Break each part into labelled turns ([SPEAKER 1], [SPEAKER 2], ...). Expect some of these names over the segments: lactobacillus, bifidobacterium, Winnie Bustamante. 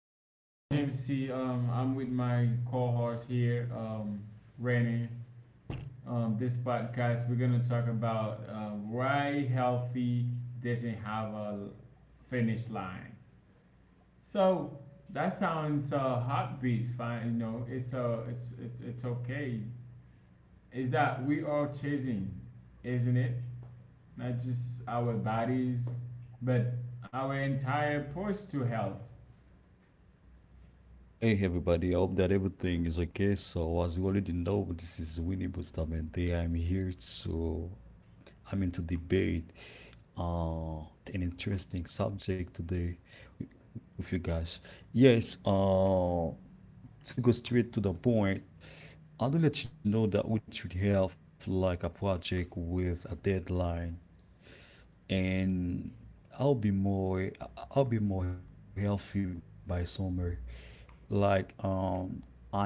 [SPEAKER 1] guys. I'm James C. I'm with my co-host here, Rennie. This podcast, we're gonna talk about why healthy doesn't have a finish line. So that sounds heartbeat. Fine. It's okay. Is that we are chasing, isn't it? Not just our bodies, but our entire approach to health.
[SPEAKER 2] Hey everybody, I hope that everything is okay. So, as you already know, this is Winnie Bustamante. I'm here to I'm into debate uh an interesting subject today with you guys. Yes, to go straight to the point, I do let you know that we should have like a project with a deadline, and I'll be more healthy by summer. Like, I'm studying my health,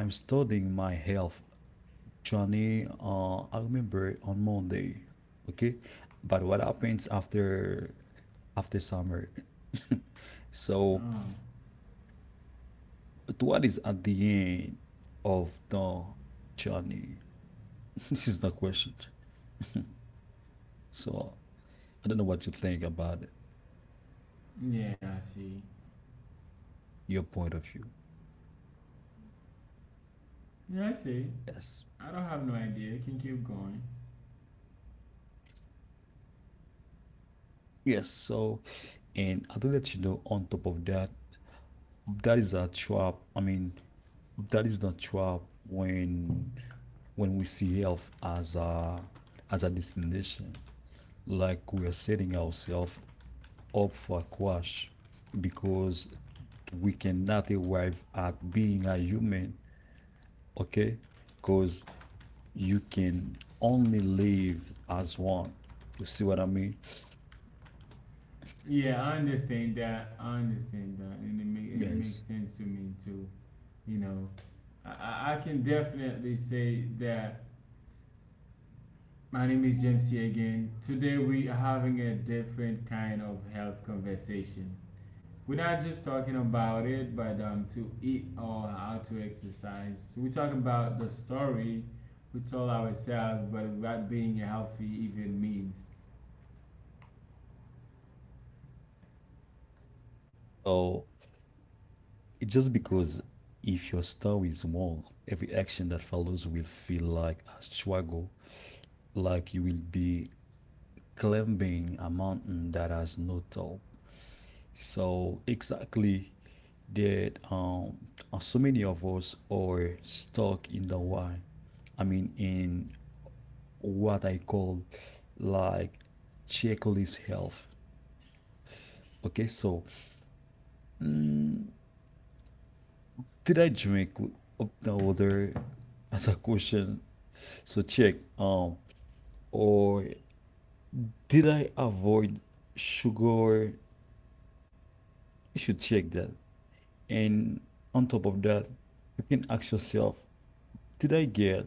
[SPEAKER 2] Johnny, I remember on Monday, okay? But what happens after summer? So,
[SPEAKER 1] Oh,
[SPEAKER 2] to what is at the end of the journey? This is the question. So, I don't know what you think about it,
[SPEAKER 1] yeah, I see.
[SPEAKER 2] your point of view.
[SPEAKER 1] Yeah, I see.
[SPEAKER 2] Yes.
[SPEAKER 1] I don't have no idea. You can keep going.
[SPEAKER 2] Yes. So, and I do let you know on top of that, that is a trap. I mean, that is the trap when we see health as a destination, like we are setting ourselves up for a crash, because we cannot arrive at being a human, okay, because you can only live as one. You see what I mean?
[SPEAKER 1] Yeah, I understand that. I understand that,
[SPEAKER 2] Yes.
[SPEAKER 1] and it makes sense to me too. You know, I can definitely say that. My name is James C again. Today we are having a different kind of health conversation. We're not just talking about it, but to eat or how to exercise. We talk about the story we tell ourselves, but what being healthy even means.
[SPEAKER 2] So just because, if your story is small, every action that follows will feel like a struggle, like you will be climbing a mountain that has no top. So exactly that, so many of us are stuck in the why. I mean, in what I call, like, checklist health. Okay, so, mm, did I drink up the other as a question? So, check, or did I avoid sugar? You should check that. And on top of that, you can ask yourself, did I get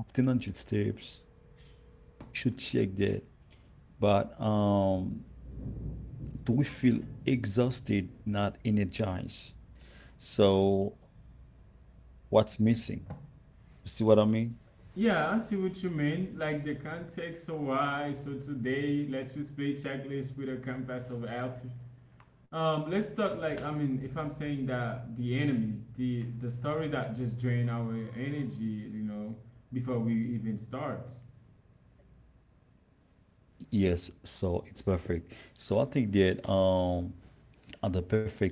[SPEAKER 2] 1,500 steps? You should check that. But do we feel exhausted, not energized? So what's missing? You see what I mean?
[SPEAKER 1] Yeah, I see what you mean. Like the context, so why? So today, let's just play checklist with a canvas of health. Let's talk, like, I mean, if I'm saying that the enemies, the stories that just drain our energy, before we even start.
[SPEAKER 2] Yes, so it's perfect. So I think that, the perfect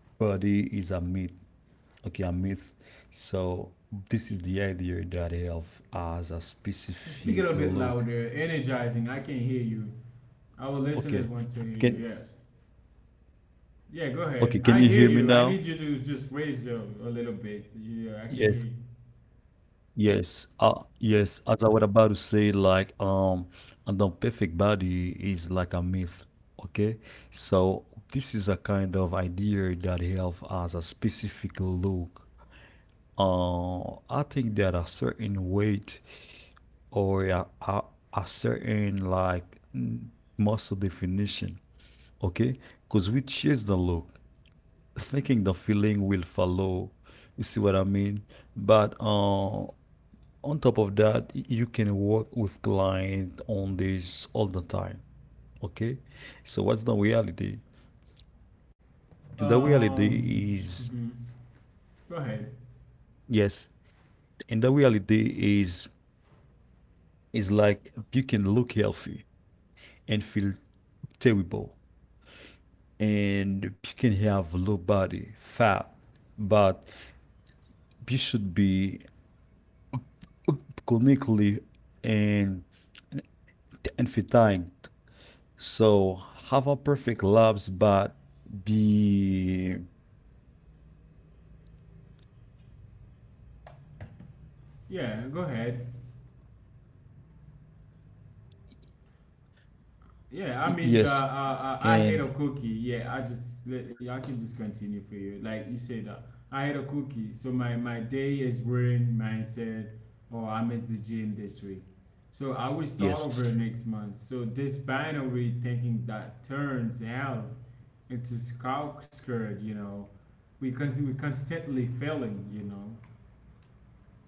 [SPEAKER 2] body is a myth. Okay, a myth. So this is the idea that health has a
[SPEAKER 1] Speak a
[SPEAKER 2] specific
[SPEAKER 1] little bit
[SPEAKER 2] look.
[SPEAKER 1] louder, energizing. I can hear you. Our
[SPEAKER 2] Okay,
[SPEAKER 1] listeners want to hear
[SPEAKER 2] can
[SPEAKER 1] you. Yes.
[SPEAKER 2] Okay, can you
[SPEAKER 1] Yeah.
[SPEAKER 2] hear
[SPEAKER 1] Go
[SPEAKER 2] me
[SPEAKER 1] ahead.
[SPEAKER 2] now?
[SPEAKER 1] I hear you. I need you to just raise your a little bit.
[SPEAKER 2] Yes,
[SPEAKER 1] Yeah, I can hear you.
[SPEAKER 2] yes, yes. As I was about to say, like, and the perfect body is like a myth. Okay, so this is a kind of idea that health has a specific look. I think that a certain weight, or a certain, like, muscle definition. Okay, because we chase the look, thinking the feeling will follow. You see what I mean? But on top of that, you can work with client on this all the time. Okay, so what's the reality? And the reality is,
[SPEAKER 1] Um. Mhm. Go ahead.
[SPEAKER 2] yes, and the reality is like you can look healthy and feel terrible, and you can have low body fat, but you should be clinically and everything. So, have a perfect labs, but be.
[SPEAKER 1] Yeah. Go ahead. Yeah, I
[SPEAKER 2] Yes,
[SPEAKER 1] mean,
[SPEAKER 2] and
[SPEAKER 1] I hate a cookie. Yeah, yeah, I can just continue for you. Like you said, I hate a cookie. So my day is ruined. Mindset, or I missed the gym this week. So I will
[SPEAKER 2] yes,
[SPEAKER 1] start over next month. So this binary thinking that turns health into scout skirt, we we constantly failing.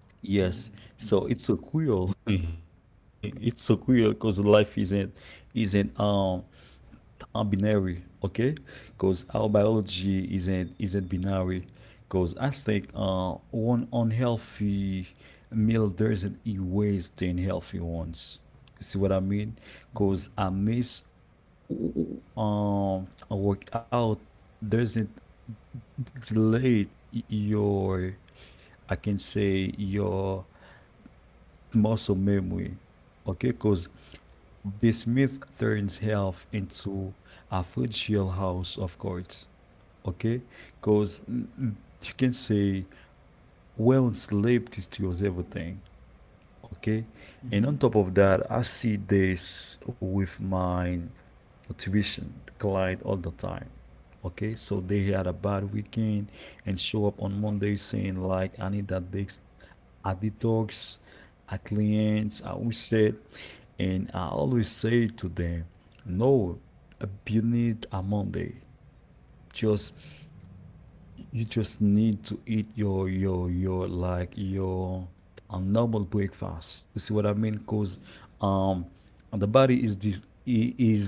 [SPEAKER 2] yes. So
[SPEAKER 1] Mm-hmm.
[SPEAKER 2] it's so cool. It's so cool because life isn't, binary, okay? Because our biology isn't binary. Because I think one unhealthy meal doesn't erase the healthy ones. See what I mean? Because
[SPEAKER 1] Mm-hmm.
[SPEAKER 2] I miss, I work doesn't delete your, I can say, your muscle memory. Okay, because this myth turns health into a fragile house, of course. Okay, because you can say, well, sleep destroys everything. Okay, and on
[SPEAKER 1] Mm-hmm.
[SPEAKER 2] top of that, I see this with my tuition client all the time, okay, so they had a bad weekend and show up on Monday saying, like, I need that detox, a detox, a cleanse, a reset. And I always say to them, no, you need a Monday, just, you just need to eat your, like, your a normal breakfast. You see what I mean? Because, um the body is, this is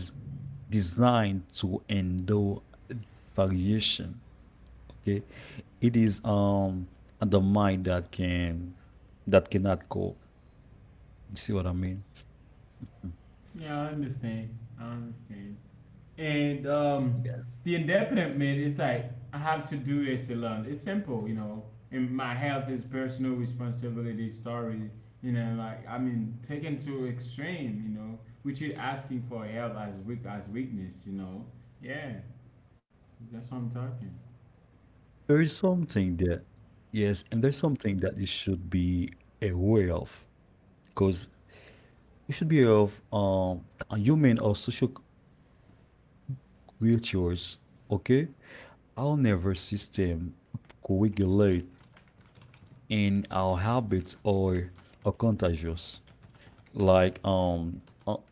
[SPEAKER 2] designed to endure variation, okay. It is, the mind that can, that cannot cope. You see what I mean?
[SPEAKER 1] Yeah, I understand. I understand. And
[SPEAKER 2] Yes.
[SPEAKER 1] the indefinite is like I have to do this alone. It's simple. And my health is personal responsibility story, like I mean taken to extreme, which is asking for help as weak as weakness. Yeah, that's what I'm talking.
[SPEAKER 2] There is something that, yes, and there's something that you should be aware of, because you should be aware of, a human or social creatures, okay? Our nervous system co-regulate, and our habits are contagious. Like, um, uh,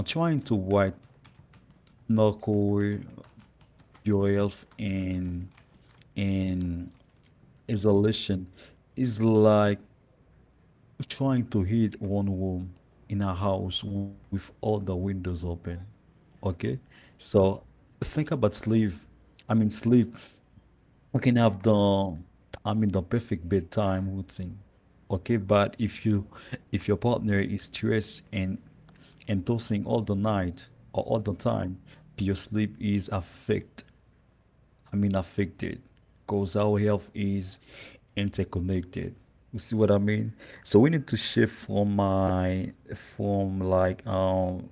[SPEAKER 2] uh, trying to white knuckle your health and and isolation is like trying to heat one room in a house with all the windows open. Okay, so think about sleep. I mean, sleep. We can have the, I mean, the perfect bedtime routine. Okay, but if your partner is stressed and tossing all the night, or all the time, your sleep is affected. I mean, affected, because our health is interconnected. You see what I mean? So we need to shift from my from like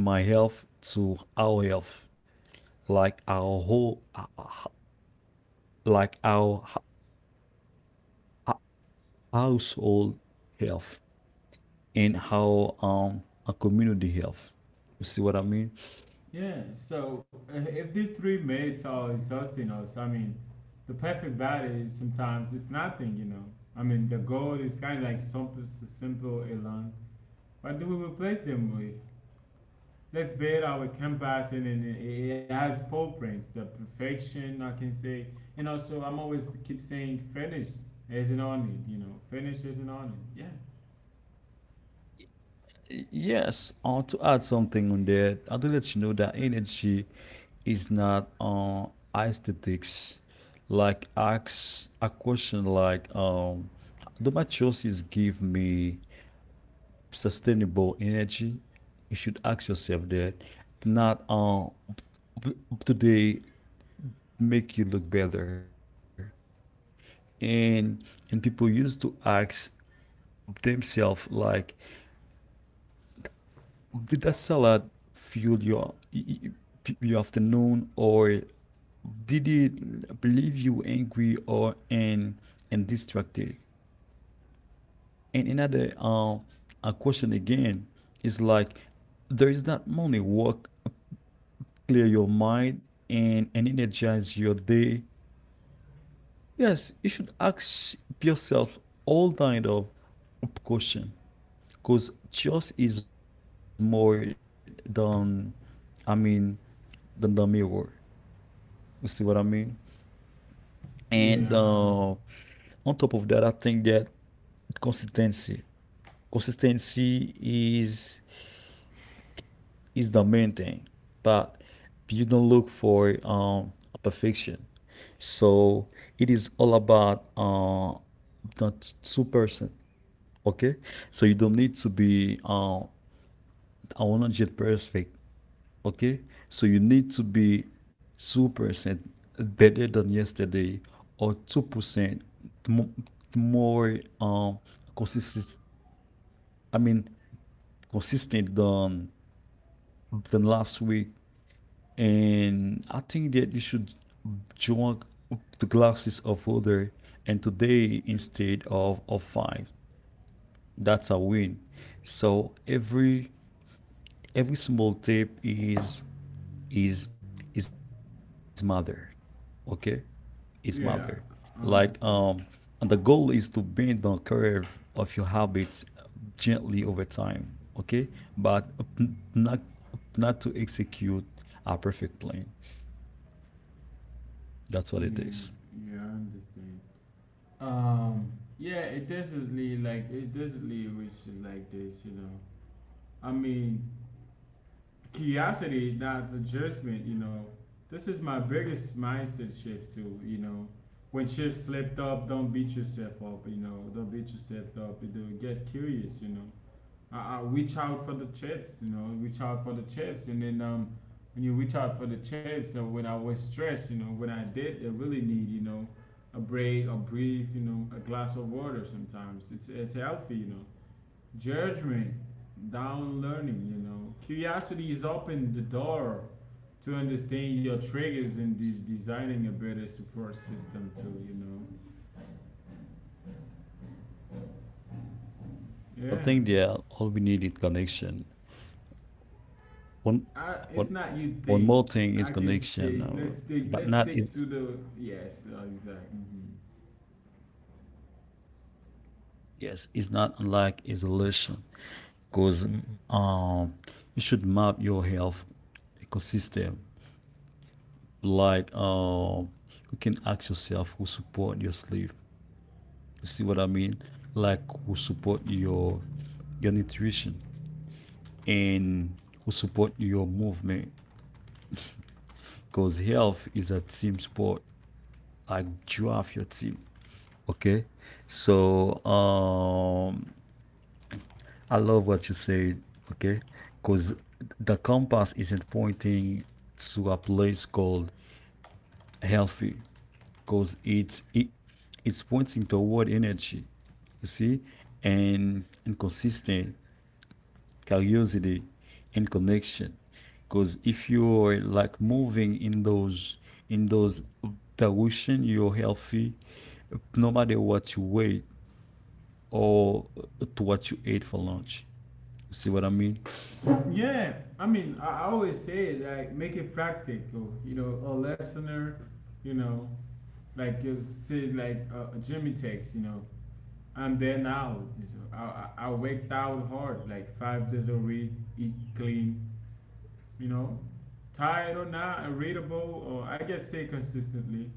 [SPEAKER 2] my health to our health, like our whole, like our h- household health, and how a community health. You see what I mean?
[SPEAKER 1] Yeah. So if these three mates are exhausting us, I mean, the perfect body sometimes it's nothing. I mean, the goal is kind of like something simple alone. What do we replace them with? Let's build our canvas and then it has full print, the perfection I can say. And also I'm always keep saying finish isn't on it. Finish isn't on it. Yeah.
[SPEAKER 2] Yes, to add something on there, I do let you know that energy is not, aesthetics. Like, ask a question, like, do my choices give me sustainable energy? You should ask yourself that, not, p- p- do they make you look better? And people used to ask themselves, like, did that salad fuel your afternoon, or did it leave you angry or and distracted? And another a question again is like, there is that morning work, clear your mind and energize your day. Yes, you should ask yourself all kind of question, because trust is more than, I mean, than the mirror. You see what I mean? And on top of that, I think that consistency, consistency is the main thing. But you don't look for, perfection. So it is all about, the two person. Okay, so you don't need to be, 100 perfect, okay? So you need to be 2% better than yesterday, or 2% mo- more, consistent, I mean, consistent than last week. And I think that you should join the classes of other, and today instead of five, that's a win. So, every small tip is is mother, okay, is matter.
[SPEAKER 1] Yeah.
[SPEAKER 2] Like,
[SPEAKER 1] Yeah. I
[SPEAKER 2] and the goal
[SPEAKER 1] understand.
[SPEAKER 2] is to bend the curve of your habits gently over time. Okay, but n- not not to execute a perfect plan. That's what it is.
[SPEAKER 1] Yeah. Yeah, I understand. Um yeah, it definitely we should like this. I mean, curiosity, not a judgment. This is my biggest mindset shift too. When shit slipped up, don't beat yourself up. Don't beat yourself up. Get curious. I reach out for the chips. Reach out for the chips, and then when you reach out for the chips, when I was stressed, when I did, I really need, a break, a breathe, a glass of water. Sometimes it's healthy. Judgment down, learning. Curiosity is open the door to understand your triggers and designing a better support system too.
[SPEAKER 2] I think, yeah,
[SPEAKER 1] Yeah,
[SPEAKER 2] all we need is connection. One, one,
[SPEAKER 1] it's
[SPEAKER 2] one
[SPEAKER 1] not
[SPEAKER 2] more
[SPEAKER 1] you
[SPEAKER 2] thing
[SPEAKER 1] think.
[SPEAKER 2] is
[SPEAKER 1] I
[SPEAKER 2] connection,
[SPEAKER 1] can say, let's
[SPEAKER 2] but
[SPEAKER 1] stick
[SPEAKER 2] not
[SPEAKER 1] let's
[SPEAKER 2] is,
[SPEAKER 1] stick to the yes. Exactly.
[SPEAKER 2] yes, it's not like isolation. Because, um, you should map your health ecosystem, like, you can ask yourself, who support your sleep, you see what I mean, like, who support your nutrition, and who support your movement, because health is a team sport, like, draft your team, okay. So, I love what you said, okay, because the compass isn't pointing to a place called healthy, because it's pointing toward energy, you see, and consistent, curiosity and connection. Because if you're like moving in those direction, you're healthy, no matter what you weigh, or to what you ate for lunch. You see what I mean?
[SPEAKER 1] Mhm. Yeah, I mean, I always say it like make it practical. A listener, you know, like you say, like, Jimmy takes. I'm there now. I worked out hard, like 5 days a week, eat clean, you know. Tired or not, irritable, or I just say consistently,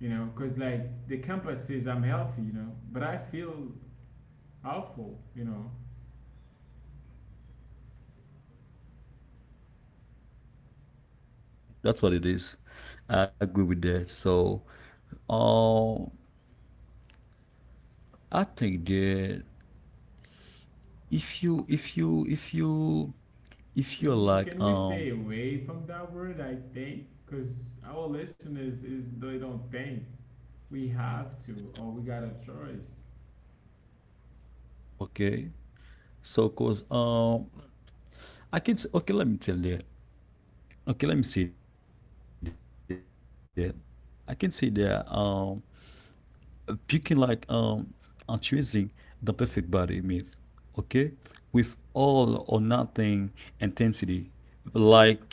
[SPEAKER 1] you know, because like the campus says I'm healthy, but I feel awful.
[SPEAKER 2] That's what it is. I agree with that. So, um I think that, if you if you if you if you're
[SPEAKER 1] Can you
[SPEAKER 2] like,
[SPEAKER 1] can we stay away from that word? I think because our listeners is they don't think we have to or we got a choice.
[SPEAKER 2] okay, so cause, okay, let me tell you, okay, let me say that, I can say that, you can, like, choosing the perfect body myth, okay, with all or nothing intensity, likely, and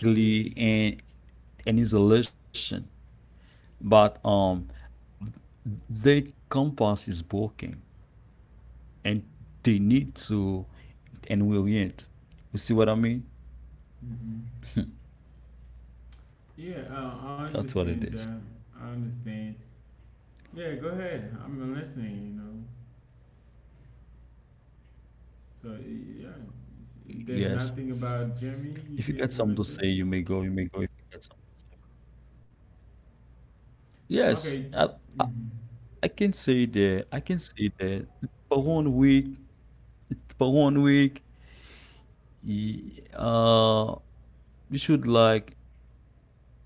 [SPEAKER 2] an isolation. But the compass is broken, and they need to and will yet. You see what I mean?
[SPEAKER 1] Hmm. Yeah, I
[SPEAKER 2] That's what it is.
[SPEAKER 1] understand that. I understand. Yeah, go ahead. I'm listening. So, yeah, there's
[SPEAKER 2] Yes.
[SPEAKER 1] nothing about Jeremy you
[SPEAKER 2] If you get
[SPEAKER 1] keep
[SPEAKER 2] something
[SPEAKER 1] want to
[SPEAKER 2] to
[SPEAKER 1] say?
[SPEAKER 2] say, you may go. You may go. If you get some, yes,
[SPEAKER 1] Okay.
[SPEAKER 2] I,
[SPEAKER 1] Mm-hmm.
[SPEAKER 2] I can say that. I can say that for one week. For one week, y- uh, you should, like,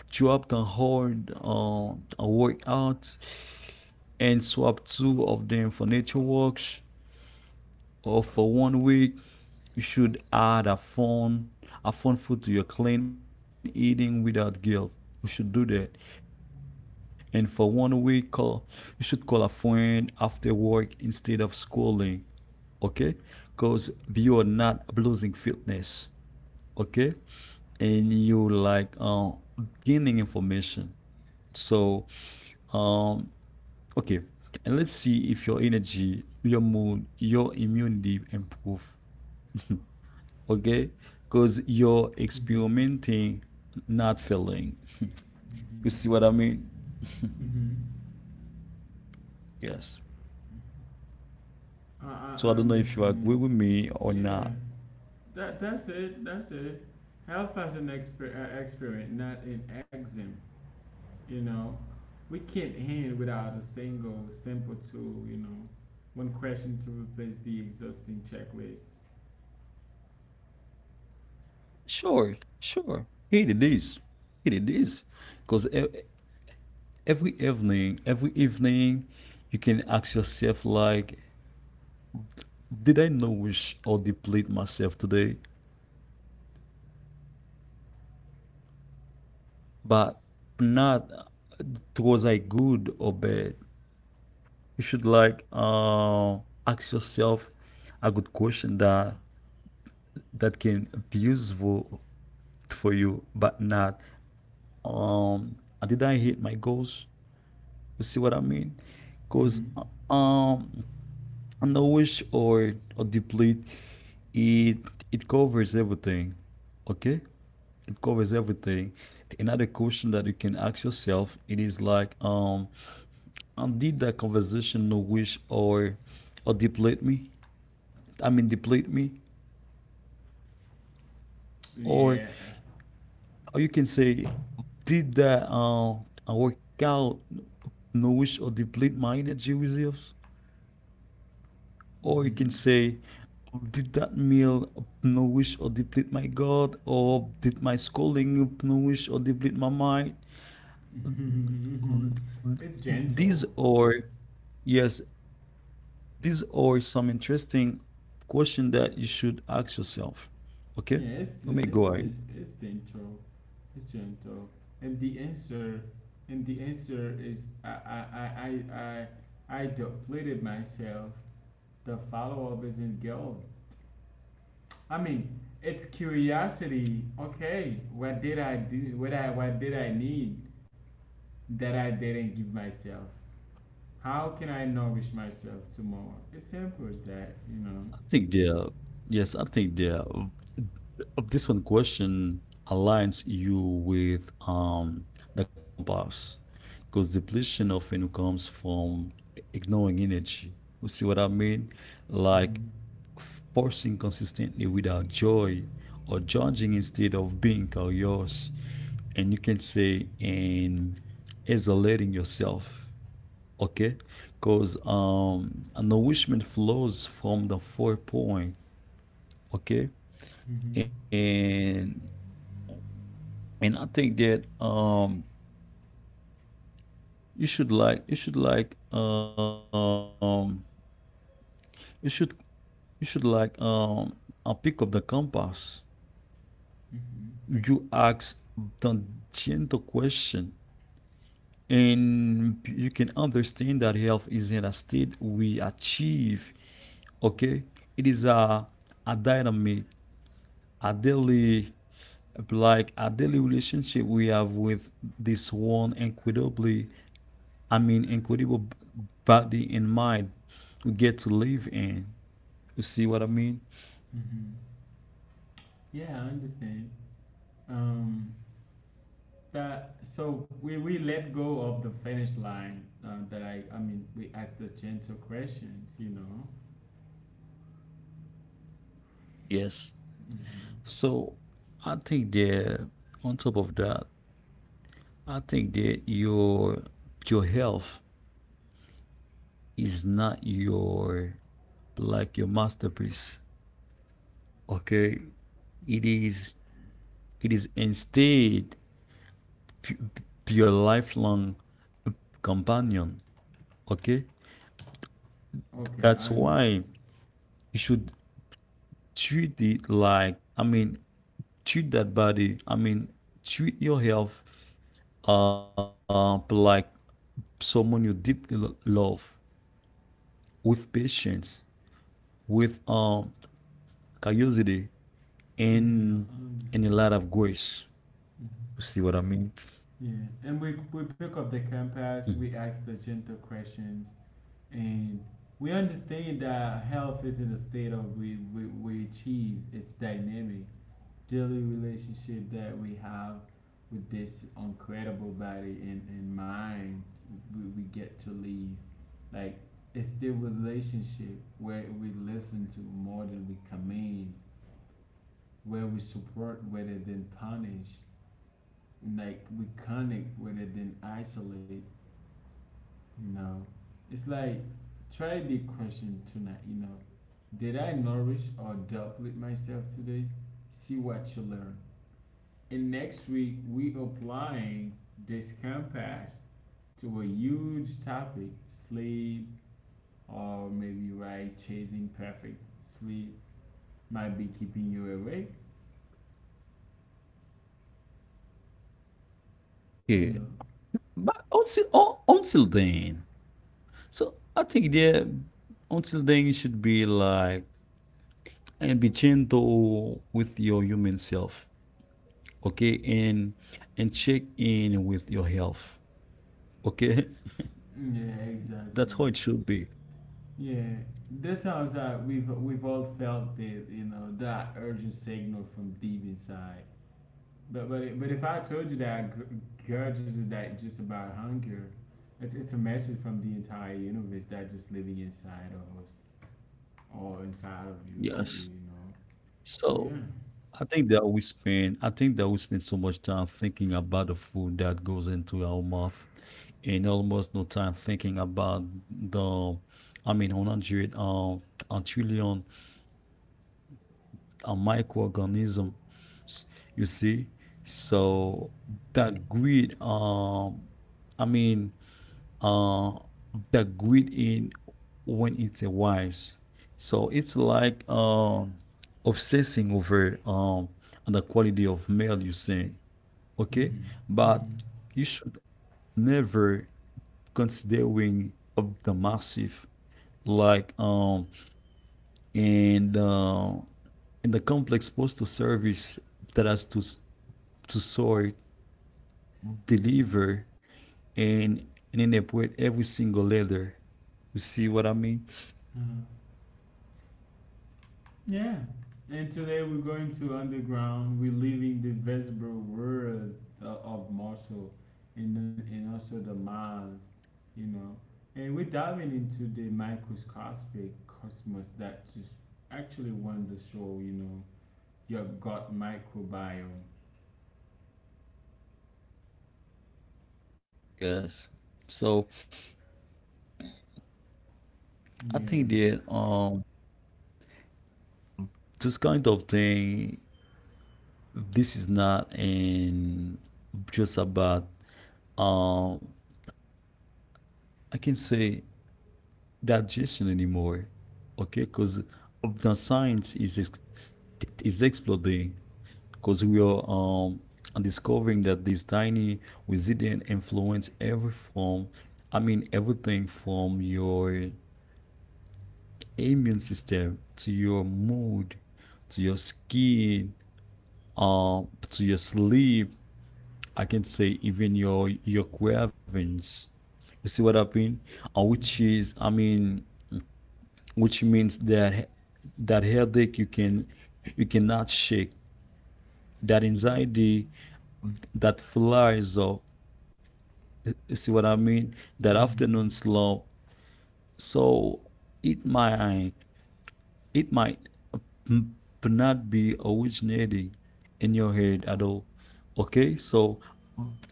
[SPEAKER 2] drop the hard workouts, and swap two of them for nature walks, or for one week. You should add a fun food to your clean eating without guilt. You should do that. And for one week, call you should call a friend after work instead of schooling. Okay, because you are not losing fitness. Okay, and you, like, gaining information. So, um okay, and let's see if your energy, your mood, your immunity improve. Okay, because you're
[SPEAKER 1] Mm-hmm.
[SPEAKER 2] experimenting, not failing. You see what I mean?
[SPEAKER 1] Hmm.
[SPEAKER 2] Yes.
[SPEAKER 1] I,
[SPEAKER 2] So, I
[SPEAKER 1] I,
[SPEAKER 2] don't know
[SPEAKER 1] I
[SPEAKER 2] if you agree with
[SPEAKER 1] understand.
[SPEAKER 2] me or
[SPEAKER 1] Yeah,
[SPEAKER 2] not.
[SPEAKER 1] that's it. That's it. Health as an experiment, not an exam. You know, we can't end without a single simple tool. One question to replace the exhausting checklist.
[SPEAKER 2] Sure, Here it is. Because every evening you can ask yourself, like, did I nourish or deplete myself today, but not, was I good or bad? You should, like, ask yourself a good question, that can be useful for you, but not. Um, did I hit my goals? You see what I mean? Because,
[SPEAKER 1] Hmm.
[SPEAKER 2] um, nourish or deplete, it it covers everything. Okay, it covers everything. Another question that you can ask yourself it is like, and did that conversation nourish or deplete me? I mean, deplete me. Or
[SPEAKER 1] Yeah.
[SPEAKER 2] you can say, did that workout nourish or deplete my energy reserves? Or you can
[SPEAKER 1] Mm-hmm.
[SPEAKER 2] say, did that meal nourish or deplete my God? Or did my schooling nourish or deplete my mind?
[SPEAKER 1] Mhm.
[SPEAKER 2] Mm,
[SPEAKER 1] It's
[SPEAKER 2] These
[SPEAKER 1] gentle.
[SPEAKER 2] are, yes, these are some interesting question that you should ask yourself. Okay?
[SPEAKER 1] Yes,
[SPEAKER 2] Let me
[SPEAKER 1] and it's
[SPEAKER 2] go ahead.
[SPEAKER 1] it's gentle. It's gentle. And the answer, and the answer is I I depleted myself. The follow up isn't gold. I mean, it's curiosity. Okay, what did I do? What did I need that I didn't give myself? How can I nourish myself tomorrow? It's simple as that.
[SPEAKER 2] Think the Yes, I think the this one question aligns you with the compass because depletion often comes from ignoring energy. You see what I mean? Like
[SPEAKER 1] hmm
[SPEAKER 2] forcing consistently without joy or judging instead of being curious. And you can say, and isolating yourself. Okay? Because an nourishment flows from the four point. Okay.
[SPEAKER 1] hmm
[SPEAKER 2] And and I think that you should like you should you should like pick up the compass.
[SPEAKER 1] hmm
[SPEAKER 2] You ask the gentle question, and you can understand that health is in a state we achieve. Okay, it is a dynamic, a daily, like a daily relationship we have with this one incredible body and mind we get to live in. You see what I mean?
[SPEAKER 1] hmm Yeah, I understand. Um, that so we let go of the finish line. That I mean we ask the gentle questions.
[SPEAKER 2] Yes.
[SPEAKER 1] Hmm.
[SPEAKER 2] So I think that on top of that, I think that your health is not your like your masterpiece. Okay, it is it is instead p- your lifelong companion. Okay,
[SPEAKER 1] Okay, I
[SPEAKER 2] that's
[SPEAKER 1] understand.
[SPEAKER 2] why you should treat it like I mean treat that body. I mean, treat your health like someone you deeply love, with patience, with curiosity,
[SPEAKER 1] Hmm.
[SPEAKER 2] and
[SPEAKER 1] I
[SPEAKER 2] and a
[SPEAKER 1] understand.
[SPEAKER 2] lot of grace.
[SPEAKER 1] Mhm.
[SPEAKER 2] You see what I mean?
[SPEAKER 1] Yeah, and we pick up the
[SPEAKER 2] Mhm.
[SPEAKER 1] compass. We ask the gentle questions, and we understand that health isn't a state of we achieve. It's dynamic, daily relationship that we have with this incredible body and mind we get to leave, like it's the relationship where we listen to more than we command, where we support rather than punish, like we connect rather than isolate you know it's like, try the question tonight. Did I nourish or deplete myself today. See what you learn. And next week we applying this compass to a huge topic, sleep, or maybe right chasing perfect sleep might be keeping you awake. You know.
[SPEAKER 2] Yeah. But until then, so I think, yeah, until then you should be like and be gentle with your human self, okay, and check in with your health, okay.
[SPEAKER 1] Yeah, exactly.
[SPEAKER 2] That's how it should be.
[SPEAKER 1] Yeah, this sounds like we've all felt that that urgent signal from deep inside. But if I told you that grudge is that just about hunger, it's a message from the entire universe that just living inside of us. Or inside of you could be,
[SPEAKER 2] Yes.
[SPEAKER 1] you know.
[SPEAKER 2] So
[SPEAKER 1] Yeah.
[SPEAKER 2] I think that we spend so much time thinking about the food that goes into our mouth, and almost no time thinking about the I mean, 100, a trillion, microorganism. You see. So that greed I mean uh that greed in, when it's a wives. So it's like, obsessing over, the quality of mail you send. Okay,
[SPEAKER 1] hmm
[SPEAKER 2] but
[SPEAKER 1] hmm
[SPEAKER 2] you should never considering of the massive, like, and uh, and the complex postal service that has to sort, deliver, and and then they put every single letter. You see what I mean?
[SPEAKER 1] Uh, yeah. And today we're going to underground. We're leaving the visible world of Marshall, and also the Mars, you know. And we're diving into the microscopic cosmos that just actually won the show, your gut microbiome.
[SPEAKER 2] Yes. So I think
[SPEAKER 1] Yeah.
[SPEAKER 2] that, this kind of thing, this is not in, just about, um I can say, digestion anymore. Okay, because the science is exploding, because we are discovering that this tiny resident influence every form I mean everything from your immune system, to your mood, to your skin, uh, to your sleep, I can say even your cravings. You see what I mean? Uh,
[SPEAKER 1] Mhm.
[SPEAKER 2] which is, I mean, which means that that headache you cannot shake, that anxiety that flies up. You see what I mean? That
[SPEAKER 1] Mhm.
[SPEAKER 2] afternoon slow. So it might it might mm, not be originating in your head at all. Okay, so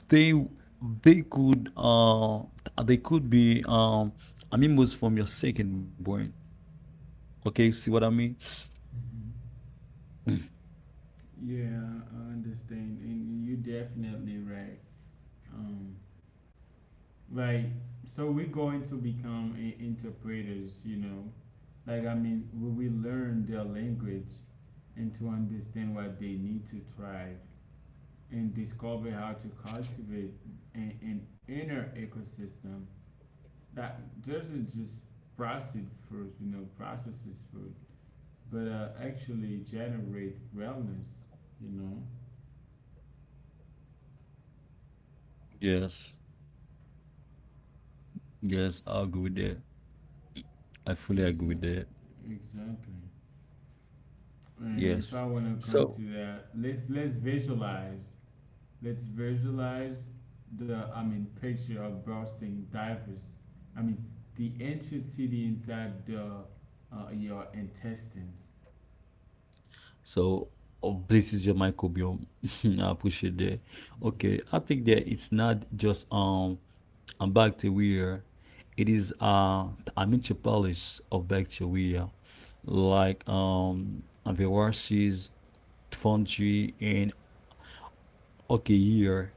[SPEAKER 2] they they could be amimos from your second brain. Okay, see what I mean?
[SPEAKER 1] Yeah, I understand, and you definitely right. Um, like, so, we're going to become interpreters. Like, I mean, we will learn their language and to understand what they need to thrive and discover how to cultivate an inner ecosystem that doesn't just process food, processes food, but actually generate wellness. You know,
[SPEAKER 2] Yes, yes, I agree with that. I fully agree with
[SPEAKER 1] exactly.
[SPEAKER 2] that.
[SPEAKER 1] Exactly. And if
[SPEAKER 2] Yes.
[SPEAKER 1] I want to come
[SPEAKER 2] so
[SPEAKER 1] to that, let's visualize. Let's visualize the, I mean, picture of bursting divers. I mean the ancient city inside the your intestines.
[SPEAKER 2] so oh, this is your microbiome. I appreciate that. Okay, I think that it's not just a bacteria, it is a metropolis of bacteria, like, viruses, fungi, and okay year,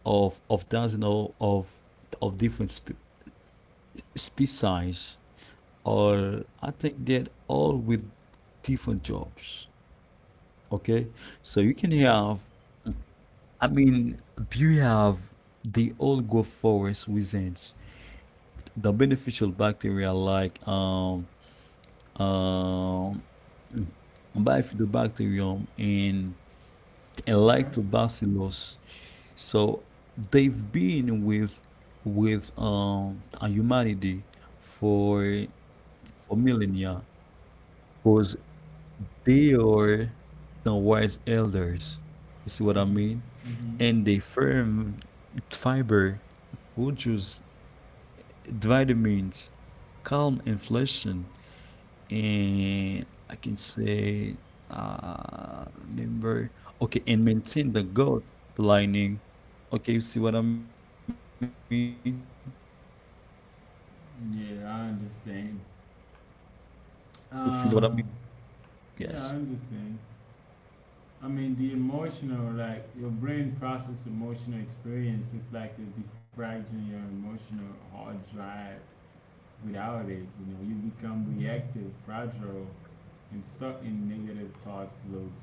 [SPEAKER 2] of dozen of different species. Or I think that all with different jobs. Okay, so you can have I mean you have the old growth forest within, the beneficial bacteria, like, um mm, bifidobacterium and
[SPEAKER 1] Okay.
[SPEAKER 2] lactobacillus. So they've been with a humanity for for millennia, because they are the wise elders. You see what I
[SPEAKER 1] Mhm.
[SPEAKER 2] mean?
[SPEAKER 1] Mhm.
[SPEAKER 2] And they firm fiber, produce vitamins, calm inflation, and I can say, remember, okay, and maintain the gut lining. Okay, you see what I mean?
[SPEAKER 1] Yeah, I understand.
[SPEAKER 2] You feel what I mean?
[SPEAKER 1] Um.
[SPEAKER 2] Yes.
[SPEAKER 1] Yeah, I understand. I mean the emotional, like your brain process emotional experiences like the defragmenting your emotional hard drive without it, you become reactive, fragile, and stuck in negative thoughts loops.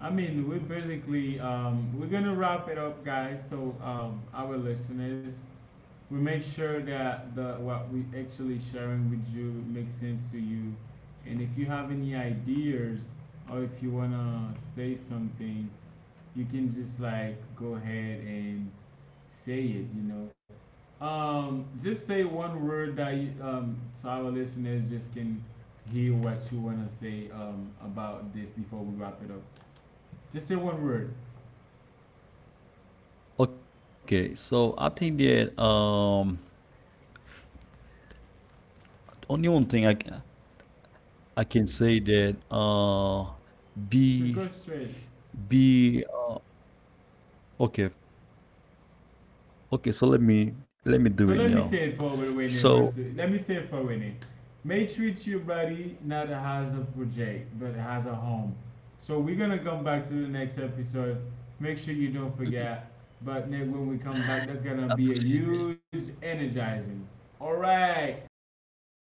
[SPEAKER 1] I mean, we basically we're gonna wrap it up, guys. So our listeners, we make sure that the what we actually sharing with you makes sense to you, and if you have any ideas or if you wanna say something, you can just like go ahead and say it. Just say one word that you, so our listeners just can hear what you wanna say about this before we wrap it up. Just say one word.
[SPEAKER 2] Okay. So I think that, only one thing I can say that,
[SPEAKER 1] Just
[SPEAKER 2] be
[SPEAKER 1] go straight.
[SPEAKER 2] be okay. Okay, so let me do
[SPEAKER 1] So
[SPEAKER 2] it
[SPEAKER 1] let me
[SPEAKER 2] now.
[SPEAKER 1] say it for Rene
[SPEAKER 2] So
[SPEAKER 1] versus. Let me say it for Rene. May treat you buddy not as a project, but as a home. So we're gonna come back to the next episode. Make sure you don't
[SPEAKER 2] I
[SPEAKER 1] forget. But Nick, when we come back, that's gonna be a
[SPEAKER 2] appreciate that.
[SPEAKER 1] huge energizing. All right.